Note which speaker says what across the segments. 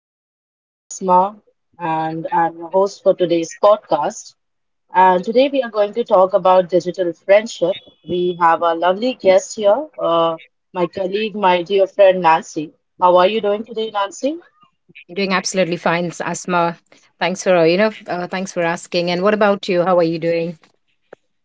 Speaker 1: everyone. This is Asma, and I'm your host for today's podcast. And today we are going to talk about digital friendship. We have a lovely guest here, my colleague, my dear friend Nancy. How are you doing today, Nancy?
Speaker 2: Doing absolutely fine, Asma. Thanks for asking. And what about you? How are you doing?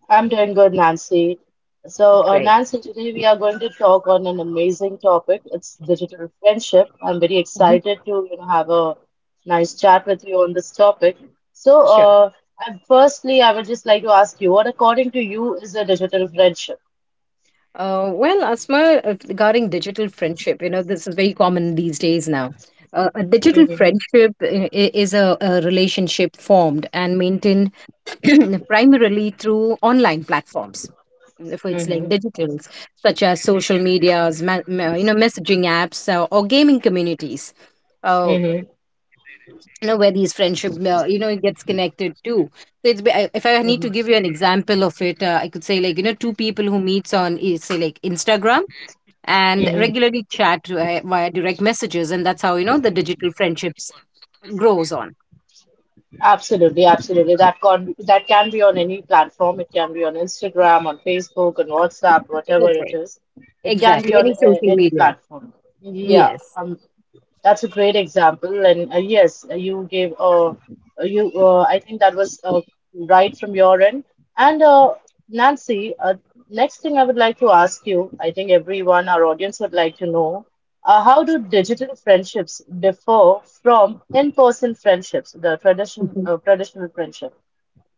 Speaker 1: I'm doing good, Nancy. So,
Speaker 2: Great.
Speaker 1: Nancy, today we are going to talk on an amazing topic. It's digital friendship. I'm very
Speaker 2: Mhm.
Speaker 1: excited to, you know, have a nice chat with you on this topic. So,
Speaker 2: Sure.
Speaker 1: Firstly, I would just like to ask you, what according to you is a digital friendship?
Speaker 2: Well, Asma, regarding digital friendship, this is very common these days now. A digital
Speaker 1: Mm-hmm,
Speaker 2: friendship is a relationship formed and maintained primarily through online platforms. If it's like
Speaker 1: mm-hmm,
Speaker 2: digitals, such as social medias, messaging apps, or gaming communities. Uh,
Speaker 1: mm-hmm,
Speaker 2: where these friendship it gets connected too, so if I need to give you an example of it, I could say, two people who meets on, say like Instagram, and
Speaker 1: mm-hmm.
Speaker 2: regularly chat via, direct messages, and that's how, the digital friendships grows on.
Speaker 1: Absolutely, absolutely. That can be on any platform. It can be on Instagram, on Facebook, on WhatsApp, whatever it
Speaker 2: Exactly,
Speaker 1: is. It can be
Speaker 2: exactly.
Speaker 1: on
Speaker 2: Any social
Speaker 1: any
Speaker 2: media.
Speaker 1: platform. Yeah,
Speaker 2: Yes.
Speaker 1: That's a great example, and yes, you gave you I think that was right from your end. And Nancy, next thing I would like to ask you, I think everyone, our audience would like to know, how do digital friendships differ from in-person friendships, the tradition
Speaker 2: Mhm.
Speaker 1: uh, traditional friendship?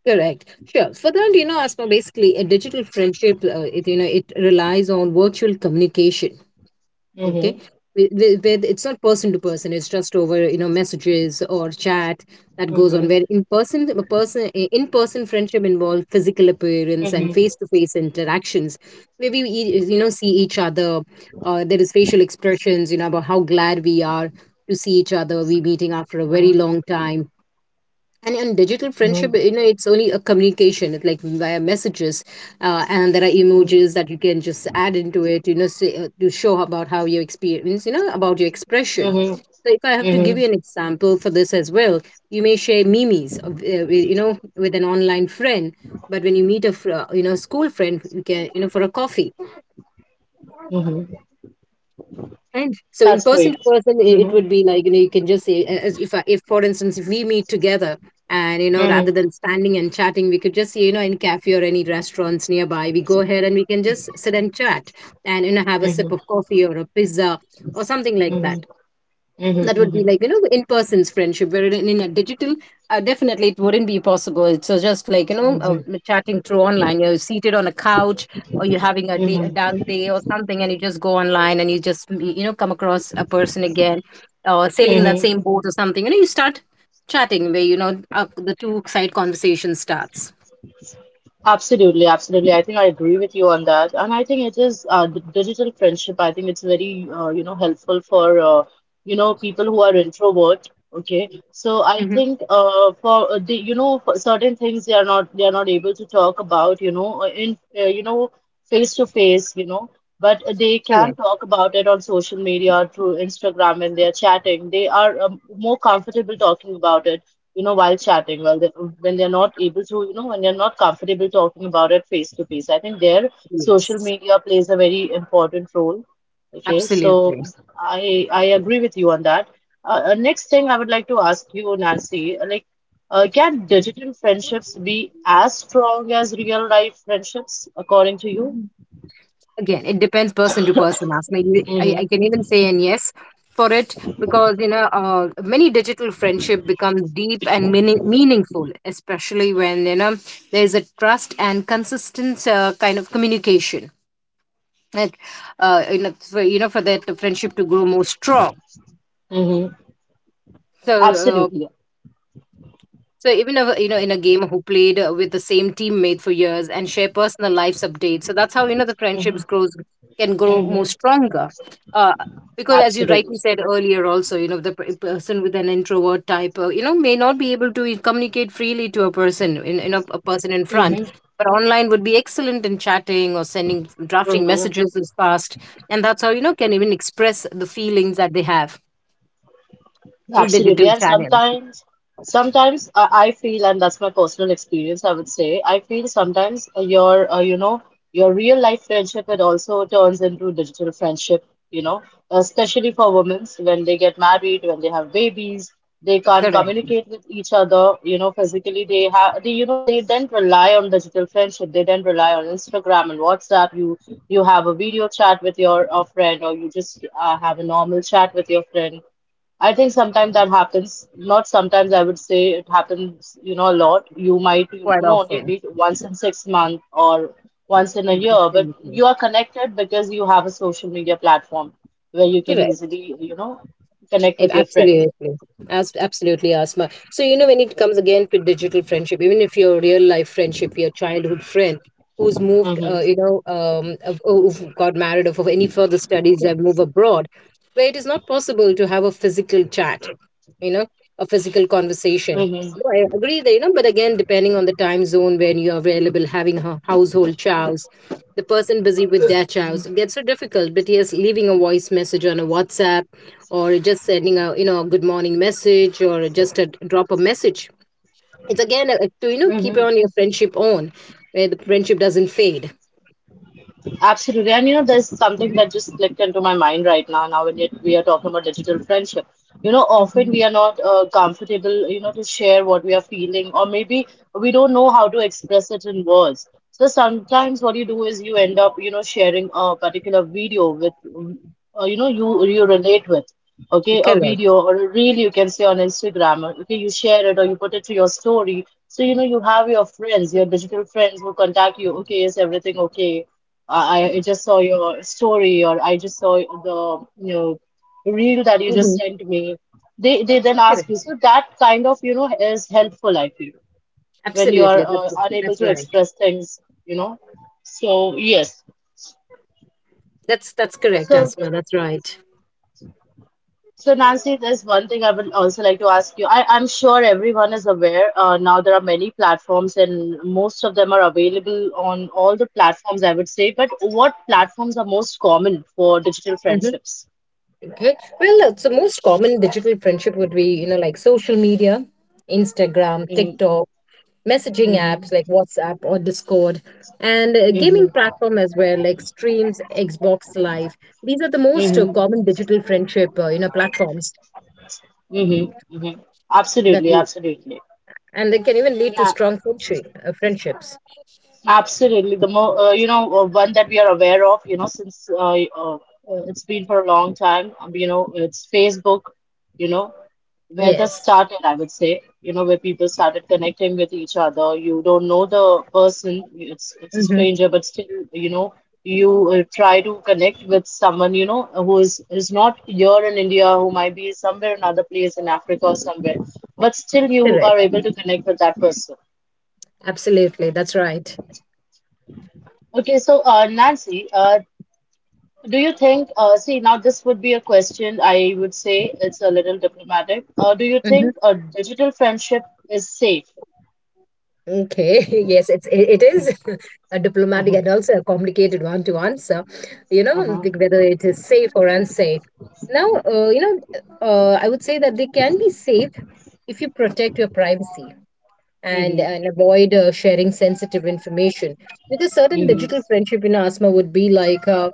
Speaker 2: Correct. Sure. For that, Asma, basically a digital friendship, it, it relies on virtual communication. Okay.
Speaker 1: Mm-hmm,
Speaker 2: Where it's not person to person, it's just over, messages or chat that goes on,
Speaker 1: hmm,
Speaker 2: where in person, a person, in person friendship involves physical appearance and
Speaker 1: hmm,
Speaker 2: face to face interactions, where we see each other. There is facial expressions, about how glad we are to see each other, we meeting after a very
Speaker 1: hmm,
Speaker 2: long time. And in digital friendship, it's only a communication, it's like via messages. And there are
Speaker 1: hmm,
Speaker 2: emojis that you can just add into it, say, to show about how you experience, about your expression.
Speaker 1: hmm,
Speaker 2: So if I have to give
Speaker 1: hmm,
Speaker 2: you an example for this as well, you may share memes of, with an online friend. But when you meet a you know school friend, you can, for a coffee.
Speaker 1: hmm.
Speaker 2: Right. So in
Speaker 1: That's
Speaker 2: person
Speaker 1: great.
Speaker 2: to person, it
Speaker 1: Mm-hmm,
Speaker 2: would be like, you can just say, as if for instance if we meet together, and,
Speaker 1: mm-hmm,
Speaker 2: rather than standing and chatting, we could just, in cafe or any restaurants nearby, we go ahead and we can just sit and chat, and, have a sip of coffee or a pizza or something like
Speaker 1: hmm,
Speaker 2: that.
Speaker 1: hmm,
Speaker 2: That would be
Speaker 1: hmm.
Speaker 2: like, in person's friendship, where in a digital, definitely it wouldn't be possible. It's, just like you know
Speaker 1: Mhm,
Speaker 2: chatting through online, you're seated on a couch, or you're having a day a
Speaker 1: mhm,
Speaker 2: dull day or something, and you just go online, and you just, come across a person again, or sailing in that
Speaker 1: mhm.
Speaker 2: same boat or something. You start chatting, where, the two side conversation starts.
Speaker 1: Absolutely, absolutely. I think I agree with you on that, and I think it is digital friendship. I think it's very you know helpful for you know people who are introvert. Okay, so I
Speaker 2: Hmm.
Speaker 1: think for the you know for certain things they are not able to talk about you know in you know face to face you know, but they can
Speaker 2: Correct.
Speaker 1: talk about it on social media through Instagram and they are chatting. They are more comfortable talking about it. You know, while chatting, while they, when they're not able to, you know, when they're not comfortable talking about it face to face. I think there social
Speaker 2: Yes.
Speaker 1: media plays a very important role. Okay,
Speaker 2: Absolutely.
Speaker 1: so I agree with you on that. Next thing I would like to ask you, Nancy, like, can digital friendships be as strong as real life friendships, according to you?
Speaker 2: Again, it depends person to person, as maybe I
Speaker 1: Mm-hmm.
Speaker 2: can even say and yes for it, because, many digital friendship becomes deep and meaningful, especially when, there's a trust and consistent, kind of communication, like, for, for that friendship to grow more strong.
Speaker 1: Mm-hmm.
Speaker 2: So,
Speaker 1: Absolutely.
Speaker 2: so even if, in a game, who played, with the same teammate for years and share personal lives updates. So that's how, the
Speaker 1: Mm-hmm.
Speaker 2: friendships grows can grow more
Speaker 1: Mm-hmm.
Speaker 2: stronger. Uh, because, as you rightly
Speaker 1: Absolutely.
Speaker 2: said earlier also, the person with an introvert type, may not be able to, communicate freely to a person in front. But online would be excellent in chatting or sending drafting
Speaker 1: Mm-hmm.
Speaker 2: messages as fast, and that's how, can even express the feelings that they have through
Speaker 1: Absolutely.
Speaker 2: digital
Speaker 1: And
Speaker 2: channel.
Speaker 1: sometimes, sometimes I feel, and that's my personal experience, I would say, I feel sometimes you know, your real life friendship, it also turns into digital friendship, you know, especially for women when they get married, when they have babies, they can't
Speaker 2: Correct.
Speaker 1: communicate with each other, you know, physically. You know, they then rely on digital friendship. They then rely on Instagram and WhatsApp. You have a video chat with your friend, or you just have a normal chat with your friend. I think sometimes that happens. Not sometimes, I would say it happens, you know, a lot. You might, you
Speaker 2: Quite
Speaker 1: know, only
Speaker 2: often.
Speaker 1: meet once in 6 months or once in a year, but
Speaker 2: Exactly.
Speaker 1: you are connected because you have a social media platform where you can
Speaker 2: Correct.
Speaker 1: easily, you know, connect
Speaker 2: It
Speaker 1: with your friend.
Speaker 2: absolutely. As absolutely, asthma. So, when it comes again to digital friendship, even if your real life friendship, your childhood friend who's moved,
Speaker 1: Mm-hmm.
Speaker 2: who got married or for any further studies, they move abroad, where it is not possible to have a physical chat, you know a physical conversation.
Speaker 1: Mm-hmm.
Speaker 2: Though I agree that, but again, depending on the time zone, when you're available, having a household chores, the person busy with their chores, it gets so difficult. But yes, leaving a voice message on a WhatsApp, or just sending a you know a good morning message, or just a drop a message, it's again, to, keep
Speaker 1: Mm-hmm.
Speaker 2: on your friendship on, where the friendship doesn't fade.
Speaker 1: Absolutely. And you know, there's something that just clicked into my mind right now, now when yet we are talking about digital friendship. You know, often
Speaker 2: Mhm.
Speaker 1: we are not comfortable, you know, to share what we are feeling, or maybe we don't know how to express it in words. So sometimes what you do is you end up, you know, sharing a particular video with, you know, you relate with. Okay, a
Speaker 2: Correct.
Speaker 1: video or a reel you can say on Instagram. Or, okay, you share it or you put it to your story. So, you know, you have your friends, your digital friends who contact you. Okay, is everything okay? I just saw your story or I just saw the you know reel that you just
Speaker 2: Hmm.
Speaker 1: sent me. They then
Speaker 2: Correct.
Speaker 1: ask you. So that kind of you know is helpful, I feel, when you are
Speaker 2: Absolutely. that's
Speaker 1: unable
Speaker 2: that's
Speaker 1: to
Speaker 2: right.
Speaker 1: express things, you know. So yes.
Speaker 2: That's correct,
Speaker 1: So
Speaker 2: asma. That's right.
Speaker 1: so Nancy, there's one thing I would also like to ask you. I'm sure everyone is aware now there are many platforms and most of them are available on all the platforms, I would say. But what platforms are most common for digital friendships?
Speaker 2: Okay. Well, so most common digital friendship would be, like social media, Instagram,
Speaker 1: Mm,
Speaker 2: TikTok, messaging
Speaker 1: mm-hmm,
Speaker 2: apps like WhatsApp or Discord, and, gaming
Speaker 1: mm-hmm,
Speaker 2: platform as well, like streams, Xbox Live. These are the most,
Speaker 1: mm-hmm,
Speaker 2: common digital friendship, platforms
Speaker 1: mm-hmm, mm-hmm.
Speaker 2: that
Speaker 1: Absolutely,
Speaker 2: we,
Speaker 1: absolutely.
Speaker 2: and they can even lead to
Speaker 1: Nah,
Speaker 2: strong friendships.
Speaker 1: absolutely. The more, you know, one that we are aware of, you know, since it's been for a long time, you know, it's Facebook, you know, where that
Speaker 2: Yes.
Speaker 1: started, I would say, you know, where people started connecting with each other. You don't know the person, it's a
Speaker 2: Mm-hmm.
Speaker 1: stranger, but still, you know, you try to connect with someone, you know, who is not here in India, who might be somewhere another place in Africa or somewhere, but still you are
Speaker 2: Correct.
Speaker 1: able to connect with that person.
Speaker 2: Absolutely. That's right.
Speaker 1: Okay, so Nancy, do you think, see, now this would be a question I would say it's a little diplomatic. Do you think a digital friendship is safe?
Speaker 2: Okay, yes, it is a diplomatic and also a complicated one to answer. You know, like
Speaker 1: Mhm.
Speaker 2: whether it is safe or unsafe. Now, uh, you know, I would say that they can be safe if you protect your privacy, and
Speaker 1: Mhm.
Speaker 2: avoid, sharing sensitive information. Because certain
Speaker 1: Mhm.
Speaker 2: digital friendship, asthma, would be like. Uh,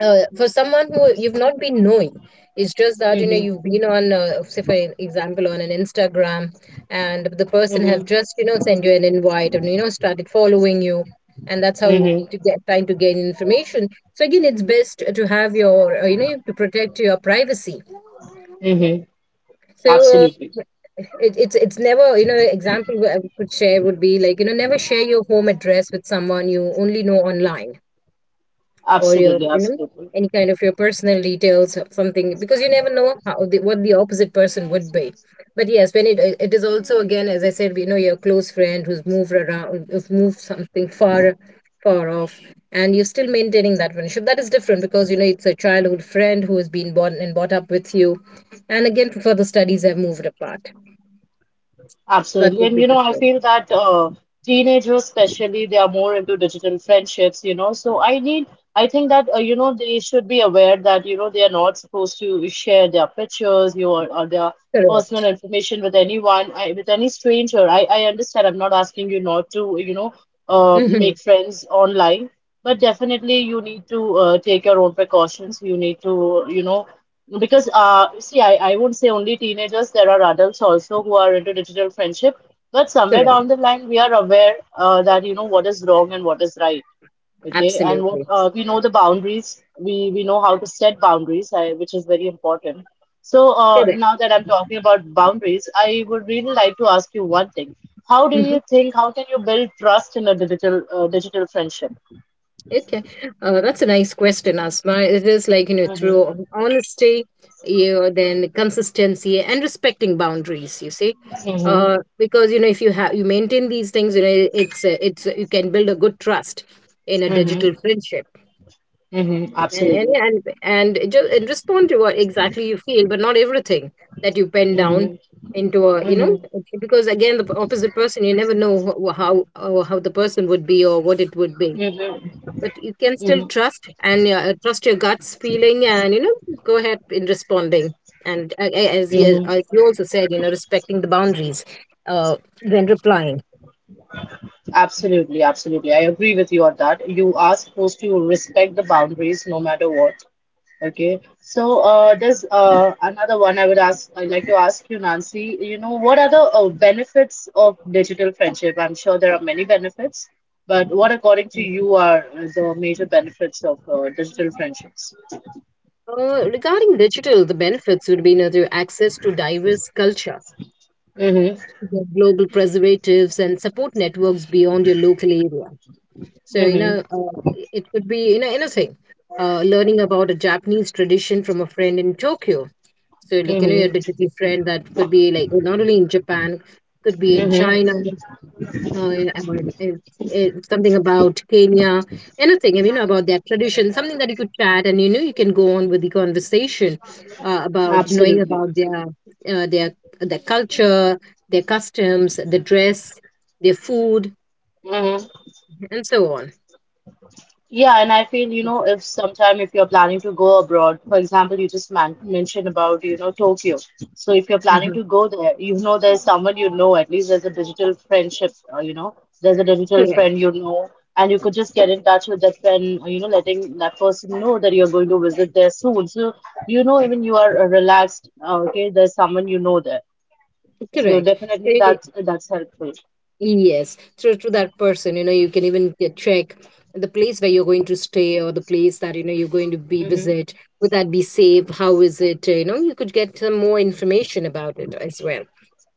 Speaker 2: uh, for someone who you've not been knowing, it's just that,
Speaker 1: Mhm.
Speaker 2: you've been on, say for example on an Instagram, and the person have
Speaker 1: Mhm.
Speaker 2: just, sent you an invite, and, started following you, and that's how you
Speaker 1: Mhm.
Speaker 2: to get trying to gain information. So again, it's best to have your, to protect your privacy.
Speaker 1: Mhm.
Speaker 2: So,
Speaker 1: Absolutely.
Speaker 2: it's never, example where I could share would be like, never share your home address with someone you only know online, or your,
Speaker 1: Absolutely. Absolutely.
Speaker 2: any kind of your personal details or something, because you never know how what the opposite person would be. But yes, when it is also, again, as I said, your close friend who's moved around, who's moved something far, far off, and you're still maintaining that friendship, that is different because, it's a childhood friend who has been born and brought up with you, and again for the studies have moved apart. So that
Speaker 1: Absolutely.
Speaker 2: would
Speaker 1: And
Speaker 2: be
Speaker 1: you know, I
Speaker 2: different.
Speaker 1: feel that teenagers, especially, they are more into digital friendships, you know. So I need, I think that, you know, they should be aware that, you know, they are not supposed to share their pictures, or their personal
Speaker 2: Correct.
Speaker 1: information with anyone, with any stranger. I understand. I'm not asking you not to, you know,
Speaker 2: Hmm.
Speaker 1: make friends online, but definitely you need to take your own precautions. You need to, you know, because see, I would say only teenagers. There are adults also who are into digital friendship. But somewhere
Speaker 2: Correct.
Speaker 1: down the line, we are aware that you know what is wrong and what is right. Okay, and what
Speaker 2: Absolutely.
Speaker 1: we know the boundaries. We know how to set boundaries, which is very important. So
Speaker 2: Correct.
Speaker 1: now that I'm talking about boundaries, I would really like to ask you one thing. How do
Speaker 2: Hmm.
Speaker 1: you think? How can you build trust in a digital friendship?
Speaker 2: Okay, that's a nice question, Asma. It is like,
Speaker 1: Mm-hmm.
Speaker 2: through honesty, you then consistency and respecting boundaries, you see.
Speaker 1: Mm-hmm.
Speaker 2: Because, if you have, you maintain these things, you can build a good trust in a digital
Speaker 1: Mm-hmm.
Speaker 2: friendship,
Speaker 1: Mm-hmm.
Speaker 2: and,
Speaker 1: Absolutely.
Speaker 2: yeah, just, and respond to what exactly you feel, but not everything that you pen down
Speaker 1: Mm-hmm.
Speaker 2: into a, because again, the opposite person, you never know how the person would be, or what it would be.
Speaker 1: Mm-hmm.
Speaker 2: But you can still
Speaker 1: Mm-hmm.
Speaker 2: trust your guts feeling, and, go ahead in responding, and, uh, a- as you as
Speaker 1: Mm-hmm.
Speaker 2: as you also said, respecting the boundaries, uh, when replying.
Speaker 1: Absolutely, absolutely. I agree with you on that. You are supposed to respect the boundaries no matter what. Okay. So, there's another one I would ask. I'd like to ask you, Nancy. You know, what are the benefits of digital friendship? I'm sure there are many benefits, but what, according to you, are the major benefits of digital friendships?
Speaker 2: Regarding digital, the benefits would be, through access to diverse culture,
Speaker 1: Mm-hmm.
Speaker 2: the global preservatives and support networks beyond your local area. So,
Speaker 1: Mm-hmm.
Speaker 2: it could be, anything, learning about a Japanese tradition from a friend in Tokyo. So like, your
Speaker 1: Mm-hmm.
Speaker 2: digital friend, that could be like not only in Japan, could be in
Speaker 1: Mm-hmm.
Speaker 2: China, or something about Kenya, anything you know about their tradition, something that you could chat and, you can go on with the conversation, about knowing
Speaker 1: Absolutely.
Speaker 2: about their, uh, their their culture, their customs, the dress, their food,
Speaker 1: Mm-hmm.
Speaker 2: and so on.
Speaker 1: Yeah, and I feel, you know, if sometime if you're planning to go abroad, for example, you just man mentioned about, you know, Tokyo. So if you're planning
Speaker 2: Mhm.
Speaker 1: to go there, you know, there's someone you know, at least there's a digital friendship, you know, there's a digital friend
Speaker 2: Correct.
Speaker 1: you know, and you could just get in touch with that friend, you know, letting that person know that you're going to visit there soon. So, you know, even you are relaxed, okay, there's someone you know there. So
Speaker 2: Correct. So.
Speaker 1: definitely that's helpful.
Speaker 2: Yes, through to that person, you can even, check the place where you're going to stay, or the place that, you're going to be
Speaker 1: Mm-hmm.
Speaker 2: visit. Would that be safe? How is it? You could get some more information about it as well,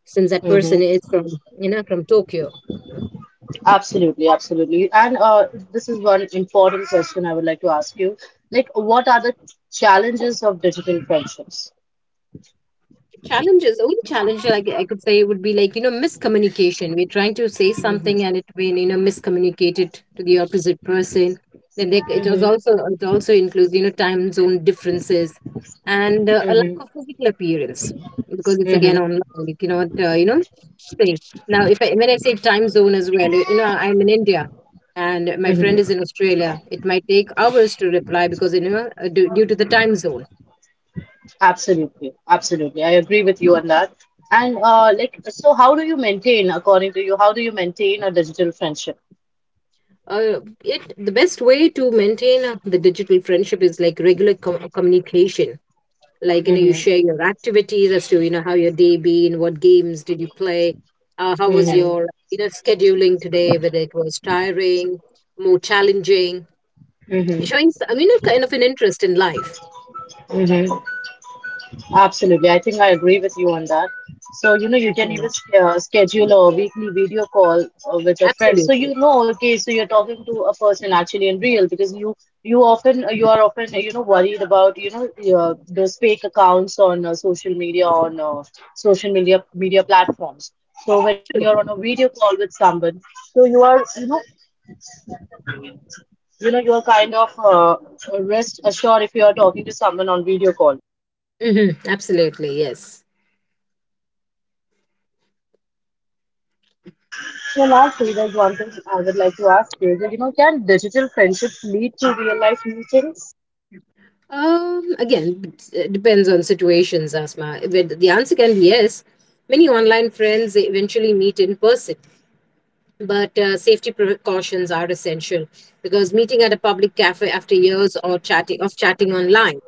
Speaker 2: since that person is from you know from Tokyo.
Speaker 1: Absolutely, absolutely. And this is one important question I would like to ask you. Like, what are the challenges of digital friendships?
Speaker 2: Challenge like I could say would be like miscommunication. We're trying to say
Speaker 1: Mm-hmm,
Speaker 2: something and it been miscommunicated to the opposite person. It was
Speaker 1: mm-hmm,
Speaker 2: also it also includes time zone differences, and a lack
Speaker 1: mm-hmm,
Speaker 2: of physical appearance, because it's again
Speaker 1: mm-hmm,
Speaker 2: online. You cannot say. Now if I, when I say time zone as well, you know, I'm in India and my friend
Speaker 1: mm-hmm.
Speaker 2: is in Australia. It might take hours to reply because due to the time zone.
Speaker 1: Absolutely, absolutely. I agree with you on that. And like, so how do you maintain, according to you, how do you maintain a digital friendship?
Speaker 2: It the best way to maintain the digital friendship is like regular communication. Like, you know, you
Speaker 1: Mm-hmm,
Speaker 2: share your activities as to, you know, how your day been, what games did you play, how was
Speaker 1: mm-hmm,
Speaker 2: your, you know, scheduling today, whether it was tiring, more challenging,
Speaker 1: mm-hmm,
Speaker 2: showing a kind of an interest in life.
Speaker 1: mm-hmm. Absolutely. I think I agree with you on that. So, you know, you can even
Speaker 2: Mhm.
Speaker 1: schedule a weekly video call with a friend. So,
Speaker 2: Absolutely.
Speaker 1: you know, okay, so you're talking to a person actually in real because you often you are often you know worried about you know those fake accounts on social media on social media media platforms. So, when you're on a video call with someone, so you are you know you are kind of rest assured if you are talking to someone on video call.
Speaker 2: Hmm, absolutely, yes.
Speaker 1: So lastly, there's one thing I would like to ask you is that, you know, can digital friendships lead to real life meetings?
Speaker 2: Again, it depends on situations, Asma. But the answer can be yes. Many online friends, they eventually meet in person, but safety precautions are essential, because meeting at a public cafe after years or chatting of chatting online.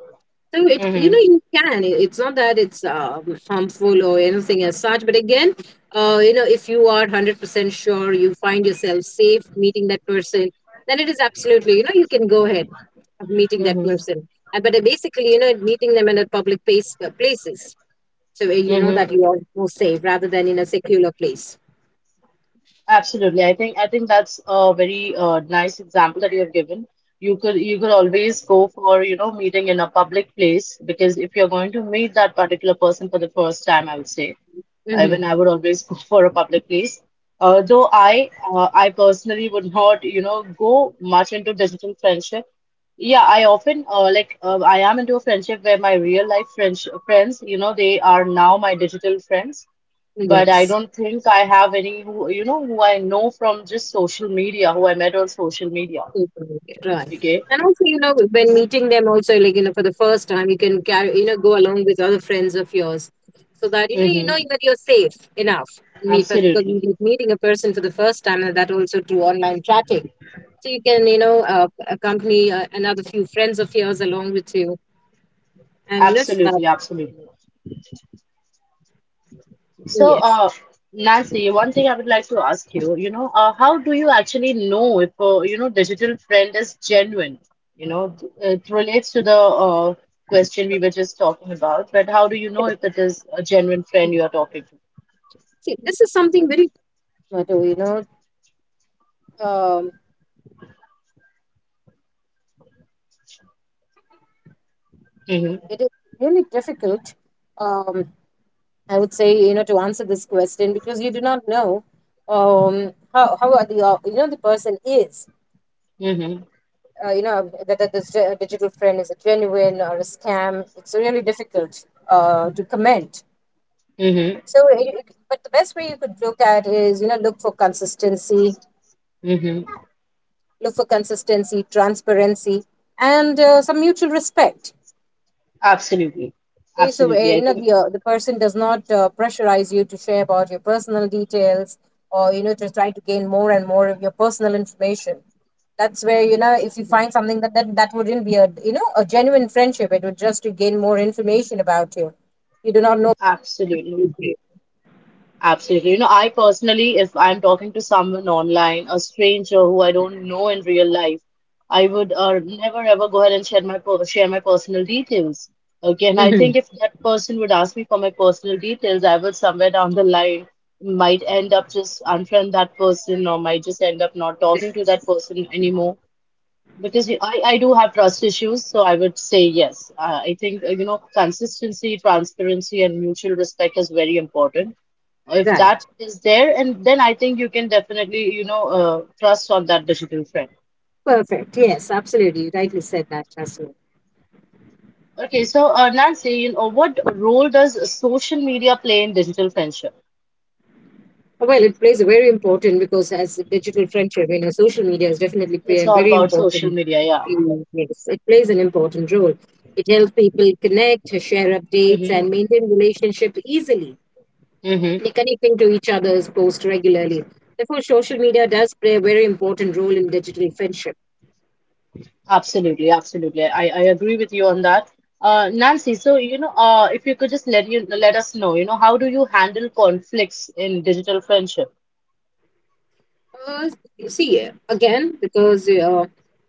Speaker 2: So, it, you know,
Speaker 1: Mm-hmm.
Speaker 2: you can, it's not that it's harmful or anything as such, but again, you know, if you are 100% sure you find yourself safe meeting that person, then it is absolutely, you know, you can go ahead of meeting that
Speaker 1: Mm-hmm.
Speaker 2: person. But basically, you know, meeting them in a public places, so you know that
Speaker 1: Mm-hmm.
Speaker 2: you are more safe rather than in a secular place.
Speaker 1: Absolutely. I think that's a very nice example that you have given. You could always go for, you know, meeting in a public place because if you're going to meet that particular person for the first time, I would say.
Speaker 2: Hmm.
Speaker 1: Even I would always go for a public place. Though I personally would not, you know, go much into digital friendship. Yeah, I often I am into a friendship where my real life friends, you know, they are now my digital friends but I
Speaker 2: Yes.
Speaker 1: don't think I have any who I know from just social media, who I met on social media.
Speaker 2: People. Right.
Speaker 1: Okay.
Speaker 2: And also, you know, when meeting them also, like, you know, for the first time, you can carry, you know, go along with other friends of yours so that, you know
Speaker 1: Mm-hmm.
Speaker 2: that you're safe enough. Because
Speaker 1: Absolutely.
Speaker 2: meeting a person for the first time, and that also through online chatting. So you can, you know, accompany another few friends of yours along with you. And just that,
Speaker 1: Absolutely. Absolutely. So,
Speaker 2: yes.
Speaker 1: Nancy, one thing I would like to ask you, you know, how do you actually know if a digital friend is genuine? You know, it relates to the uh, question we were just talking about, but how do you
Speaker 2: Okay.
Speaker 1: know if it is a genuine friend you are talking to?
Speaker 2: See, this is something.
Speaker 1: Mm-hmm. Mm-hmm. Mm-hmm. Mm-hmm.
Speaker 2: Look for consistency, transparency, and some mutual respect.
Speaker 1: Absolutely.
Speaker 2: Okay, so
Speaker 1: Absolutely.
Speaker 2: you
Speaker 1: I
Speaker 2: know,
Speaker 1: think
Speaker 2: the person does not pressurize you to share about your personal details or, you know, to try to gain more and more of your personal information. That's where, you know, if you
Speaker 1: absolutely.
Speaker 2: find something that that wouldn't be a, you know, a genuine friendship. It would just to gain more information about you. You do not know.
Speaker 1: Absolutely. You know, I personally, if I'm talking to someone online, a stranger who I don't know in real life, I would never ever go ahead and share my personal details. Okay, and I
Speaker 2: Mhm.
Speaker 1: think if that person would ask me for my personal details, I would somewhere down the line might end up just unfriend that person or might just end up not talking to that person anymore. I do have trust issues, so I would say yes. I think, you know, consistency, transparency, and mutual respect is very important. If that
Speaker 2: Right.
Speaker 1: is there, and then I think you can definitely, you know, trust on that digital friend.
Speaker 2: Perfect. Yes, absolutely. You rightly said that, Russell.
Speaker 1: Okay, so Nancy, you know, what role does social media play in digital friendship?
Speaker 2: Well, it plays a very important because as a digital friendship, you know, social media is definitely play
Speaker 1: It's
Speaker 2: a
Speaker 1: all
Speaker 2: very
Speaker 1: about social
Speaker 2: important.
Speaker 1: media, yeah.
Speaker 2: You. Yes, it plays an important role. It helps people connect, share updates,
Speaker 1: Mm-hmm.
Speaker 2: and maintain relationship easily.
Speaker 1: Mm-hmm.
Speaker 2: They're connecting to each other's post regularly. Therefore, social media does play a very important role in digital friendship.
Speaker 1: Absolutely, absolutely. I agree with you on that. Nancy, so you know, if you could just let us know, you know, how do you handle conflicts in digital friendship?
Speaker 2: Uh, you see, again, because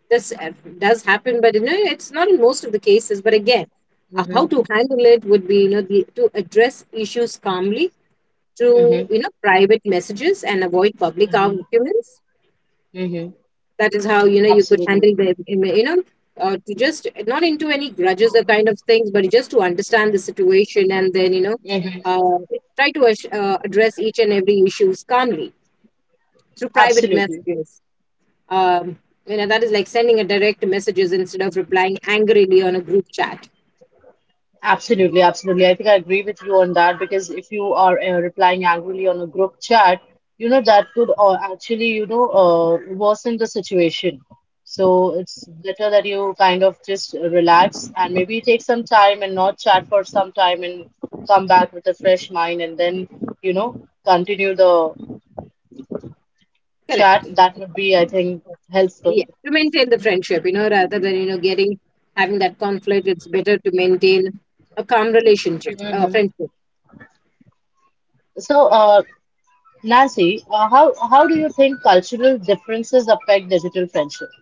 Speaker 2: this does happen, but you know, it's not in most of the cases. But again, how
Speaker 1: Mm-hmm,
Speaker 2: to handle it would be, you know, to address issues calmly through, you
Speaker 1: mm-hmm,
Speaker 2: know, private messages and avoid public
Speaker 1: mm-hmm,
Speaker 2: arguments.
Speaker 1: mm-hmm.
Speaker 2: That is how, you know, you could
Speaker 1: Absolutely.
Speaker 2: handle to just not into any grudges or kind of things, but just to understand the situation and then, you know,
Speaker 1: Mm-hmm.
Speaker 2: uh, try to address each and every issues calmly through private
Speaker 1: Absolutely.
Speaker 2: messages. Um, you know, that is like sending a direct messages instead of replying angrily on a group chat.
Speaker 1: Absolutely, absolutely. I think I agree with you on that because if you are replying angrily on a group chat, you know, that could actually, you know, worsen the situation. So it's better that you kind of just relax and maybe take some time and not chat for some time and come back with a fresh mind and then, you know, continue the chat.
Speaker 2: Correct.
Speaker 1: That would be, I think,
Speaker 2: Yeah.
Speaker 1: helpful.
Speaker 2: To maintain the friendship, you know, rather than, you know, getting having that conflict, it's better to maintain a calm relationship,
Speaker 1: Hmm.
Speaker 2: friendship.
Speaker 1: So, Nancy, uh, how do you think cultural differences affect digital friendships?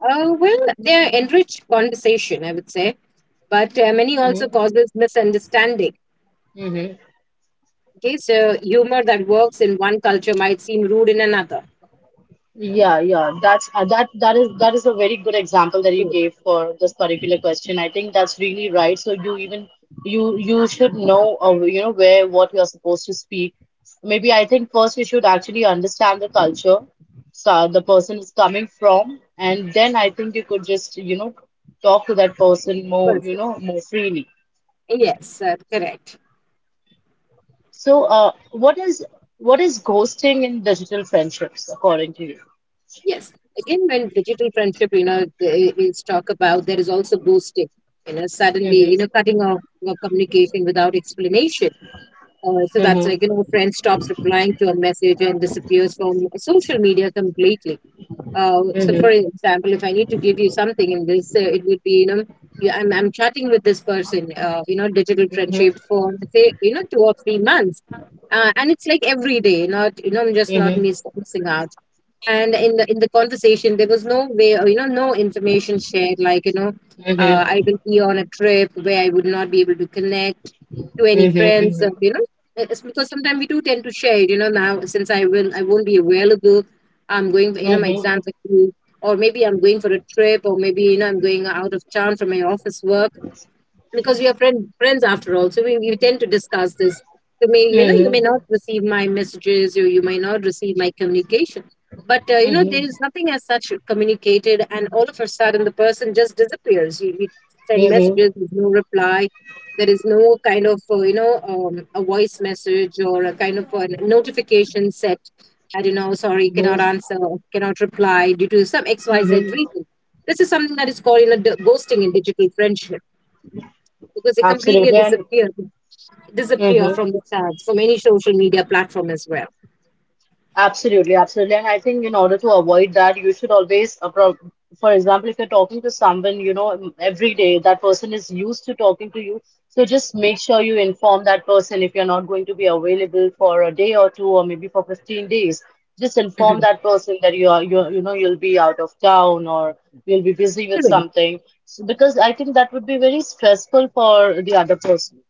Speaker 2: Well, they are enriched conversation, I would say, but many also
Speaker 1: Mm-hmm.
Speaker 2: causes misunderstanding.
Speaker 1: Mm-hmm.
Speaker 2: Okay, so humor that works in one culture might seem rude in another.
Speaker 1: Yeah, yeah. That is a very good example that you
Speaker 2: Okay,
Speaker 1: gave for this particular question. I think that's really right. So you should know you know where what you're supposed to speak. Maybe I think first you should actually understand the culture, so the person is coming from, and then I think you could just talk to that person more you
Speaker 2: person.
Speaker 1: know more freely.
Speaker 2: Yes, correct.
Speaker 1: So uh, what is ghosting in digital friendships according to you?
Speaker 2: Yes. Again, when digital friendship, you know, is talk about, there is also ghosting. You know, suddenly, you know,
Speaker 1: Mm-hmm.
Speaker 2: cutting off your communication without explanation. So that's
Speaker 1: Mm-hmm.
Speaker 2: like, you know, a friend stops replying to a message and disappears from social media completely. So, for
Speaker 1: Mm-hmm.
Speaker 2: example, if I need to give you something in this, it would be, you know, I'm chatting with this person, you know, digital
Speaker 1: Mhm, mhm,
Speaker 2: friendship for say, you know, 2 or 3 months. And it's like every day, not, you know, I'm just not
Speaker 1: mhm,
Speaker 2: missing out. And in the conversation, there was no way, no information shared, like, you know,
Speaker 1: mhm,
Speaker 2: I will be on a trip where I would not be able to connect to any
Speaker 1: mhm,
Speaker 2: friends,
Speaker 1: mhm,
Speaker 2: it's because sometimes we do tend to share, you know, now since I will I won't be available, I'm going, you know, my
Speaker 1: mhm,
Speaker 2: exams are due, or maybe I'm going for a trip, or maybe, you know, I'm going out of town for my office work, because we are friends after all. So we tend to discuss this. You may, you know, you
Speaker 1: mhm,
Speaker 2: may not receive my messages, or you may not receive my communication, but you know, there is nothing as such communicated, and all of a sudden the person just disappears. You send
Speaker 1: mhm,
Speaker 2: messages, there's no reply, there is no kind of a voice message or a kind of a notification set. I don't know, sorry,
Speaker 1: mhm,
Speaker 2: cannot answer, cannot reply due to some XYZ
Speaker 1: mhm.
Speaker 2: reason. This is something that is called, you know, ghosting in digital friendship, because they completely
Speaker 1: Absolutely.
Speaker 2: disappear
Speaker 1: And
Speaker 2: from the charts from any social media platform as well.
Speaker 1: Absolutely, absolutely. And I think in order to avoid that, you should always, for example, if you're talking to someone, you know, every day, that person is used to talking to you. So just make sure you inform that person if you're not going to be available for a day or two, or maybe for 15 days. Just inform
Speaker 2: Mhm.
Speaker 1: that person that you are, you know, you'll be out of town or you'll be busy with
Speaker 2: Really.
Speaker 1: something. So because I think that would be very stressful for the other person.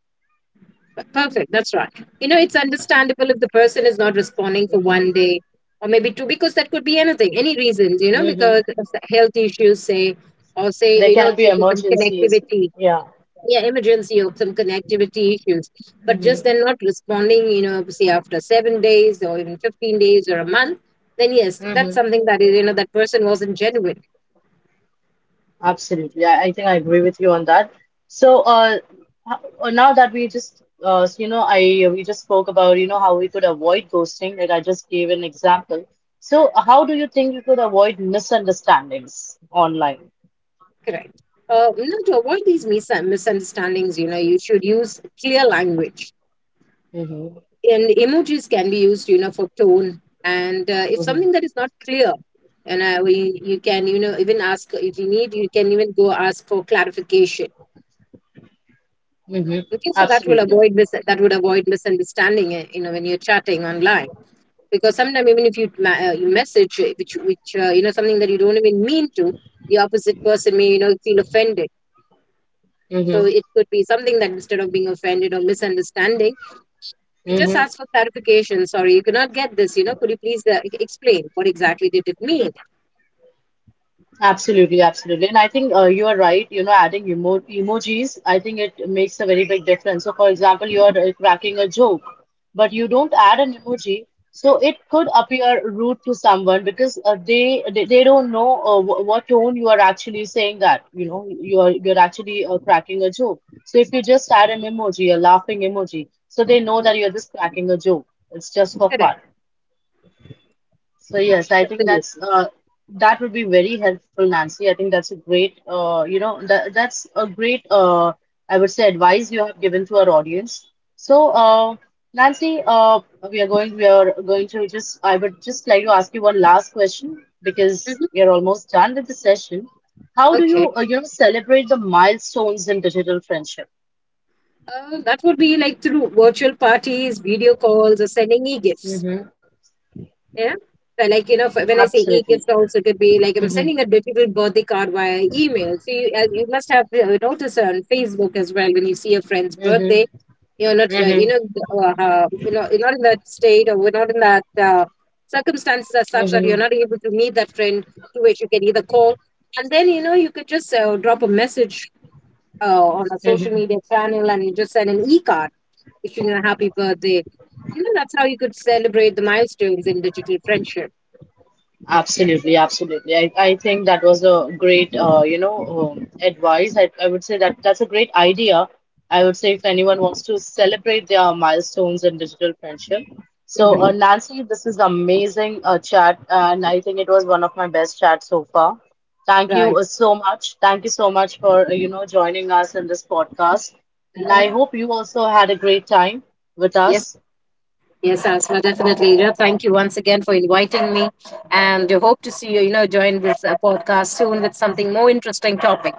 Speaker 2: Perfect. That's right. You know, it's understandable if the person is not responding for
Speaker 1: Hmm.
Speaker 2: one day or maybe two, because that could be anything, any reasons, you know,
Speaker 1: Hmm.
Speaker 2: because of the health issues, say, or say,
Speaker 1: There
Speaker 2: you know,
Speaker 1: can be
Speaker 2: due to some
Speaker 1: emergencies.
Speaker 2: connectivity,
Speaker 1: Yeah.
Speaker 2: yeah, emergency or some connectivity issues. But just
Speaker 1: Hmm.
Speaker 2: then, not responding, you know, say after 7 days or even 15 days or a month, then yes,
Speaker 1: Hmm.
Speaker 2: that's something that is, you know, that person wasn't genuine.
Speaker 1: Absolutely. I think I agree with you on that. So, now that we just, you know, I we just spoke about, you know, how we could avoid ghosting, like I just gave an example. So, how do you think you could avoid misunderstandings online?
Speaker 2: Correct. Now, to avoid these misunderstandings, you know, you should use clear language.
Speaker 1: Mm-hmm.
Speaker 2: And emojis can be used, you know, for tone. And if
Speaker 1: Mm-hmm.
Speaker 2: something that is not clear, and you can, you know, even ask, if you need, you can even go ask for clarification.
Speaker 1: Mm-hmm.
Speaker 2: Okay, so that will
Speaker 1: Absolutely.
Speaker 2: avoid that would avoid misunderstanding, eh, you know, when you're chatting online. Because sometimes even if you you message which you know, something that you don't even mean to, the opposite person may, you know, feel offended. So
Speaker 1: Mm-hmm.
Speaker 2: it could be something that instead of being offended or misunderstanding, you just
Speaker 1: Mm-hmm.
Speaker 2: ask for clarification. Sorry, you cannot get this. You know, could you please explain what exactly did it mean?
Speaker 1: Absolutely, absolutely. And I think you are right, you know, adding emojis, I think it makes a very big difference. So, for example, you are cracking a joke, but you don't add an emoji, so it could appear rude to someone because they don't know wh what tone you are actually saying that, you know, you're actually cracking a joke. So if you just add an emoji, a laughing emoji, so they know that you're just cracking a joke. It's just for
Speaker 2: Correct.
Speaker 1: fun. So yes, I think that's
Speaker 2: Absolutely.
Speaker 1: that would be very helpful, Nancy. I think that's a great uh, that's a great I would say advice you have given to our audience. So Nancy, we are going to just I would just like to ask you one last question because
Speaker 2: Mhm.
Speaker 1: we are almost done with the session. How do
Speaker 2: Okay.
Speaker 1: you you know celebrate the milestones in digital friendship?
Speaker 2: That would be like through virtual parties, video calls, or sending e gifts.
Speaker 1: Mm-hmm.
Speaker 2: Yeah. So, like, you know, when I say e
Speaker 1: Absolutely.
Speaker 2: gifts, also could be like I'm
Speaker 1: Mm-hmm.
Speaker 2: sending a digital birthday card via email. So you, you must have noticed on Facebook as well, when you see a friend's
Speaker 1: Mm-hmm.
Speaker 2: birthday, you're not
Speaker 1: Mm-hmm.
Speaker 2: you're not in that state, or we're not in that circumstances as such that you're
Speaker 1: Mm-hmm.
Speaker 2: not able to meet that friend, to which you can either call, and then, you know, you could just drop a message on a social media channel, and you just send an e-card wishing a happy birthday. You know, that's how you could celebrate the milestones in digital friendship.
Speaker 1: Absolutely, absolutely. I think that was a great, you know, advice. I would say that that's a great idea. I would say if anyone wants to celebrate their milestones in digital friendship. So,
Speaker 2: Hmm.
Speaker 1: Nancy, this is amazing chat, and I think it was one of my best chats so far. Thank you
Speaker 2: Right.
Speaker 1: so much. Thank you so much for, you know, joining us in this podcast. And I
Speaker 2: Mhm.
Speaker 1: hope you also had a great time with
Speaker 2: Yes,
Speaker 1: us.
Speaker 2: Yes, Asma, definitely. You know, thank you once again for inviting me, and hope to see you. You know, join this podcast soon with something more interesting topic.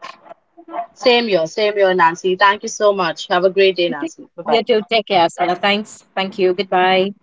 Speaker 1: Same here, Nancy. Thank you so much. Have a great day,
Speaker 2: Okay.
Speaker 1: Nancy.
Speaker 2: You
Speaker 1: Bye-bye.
Speaker 2: too. Take care, Asma. Thanks. Thank you. Goodbye.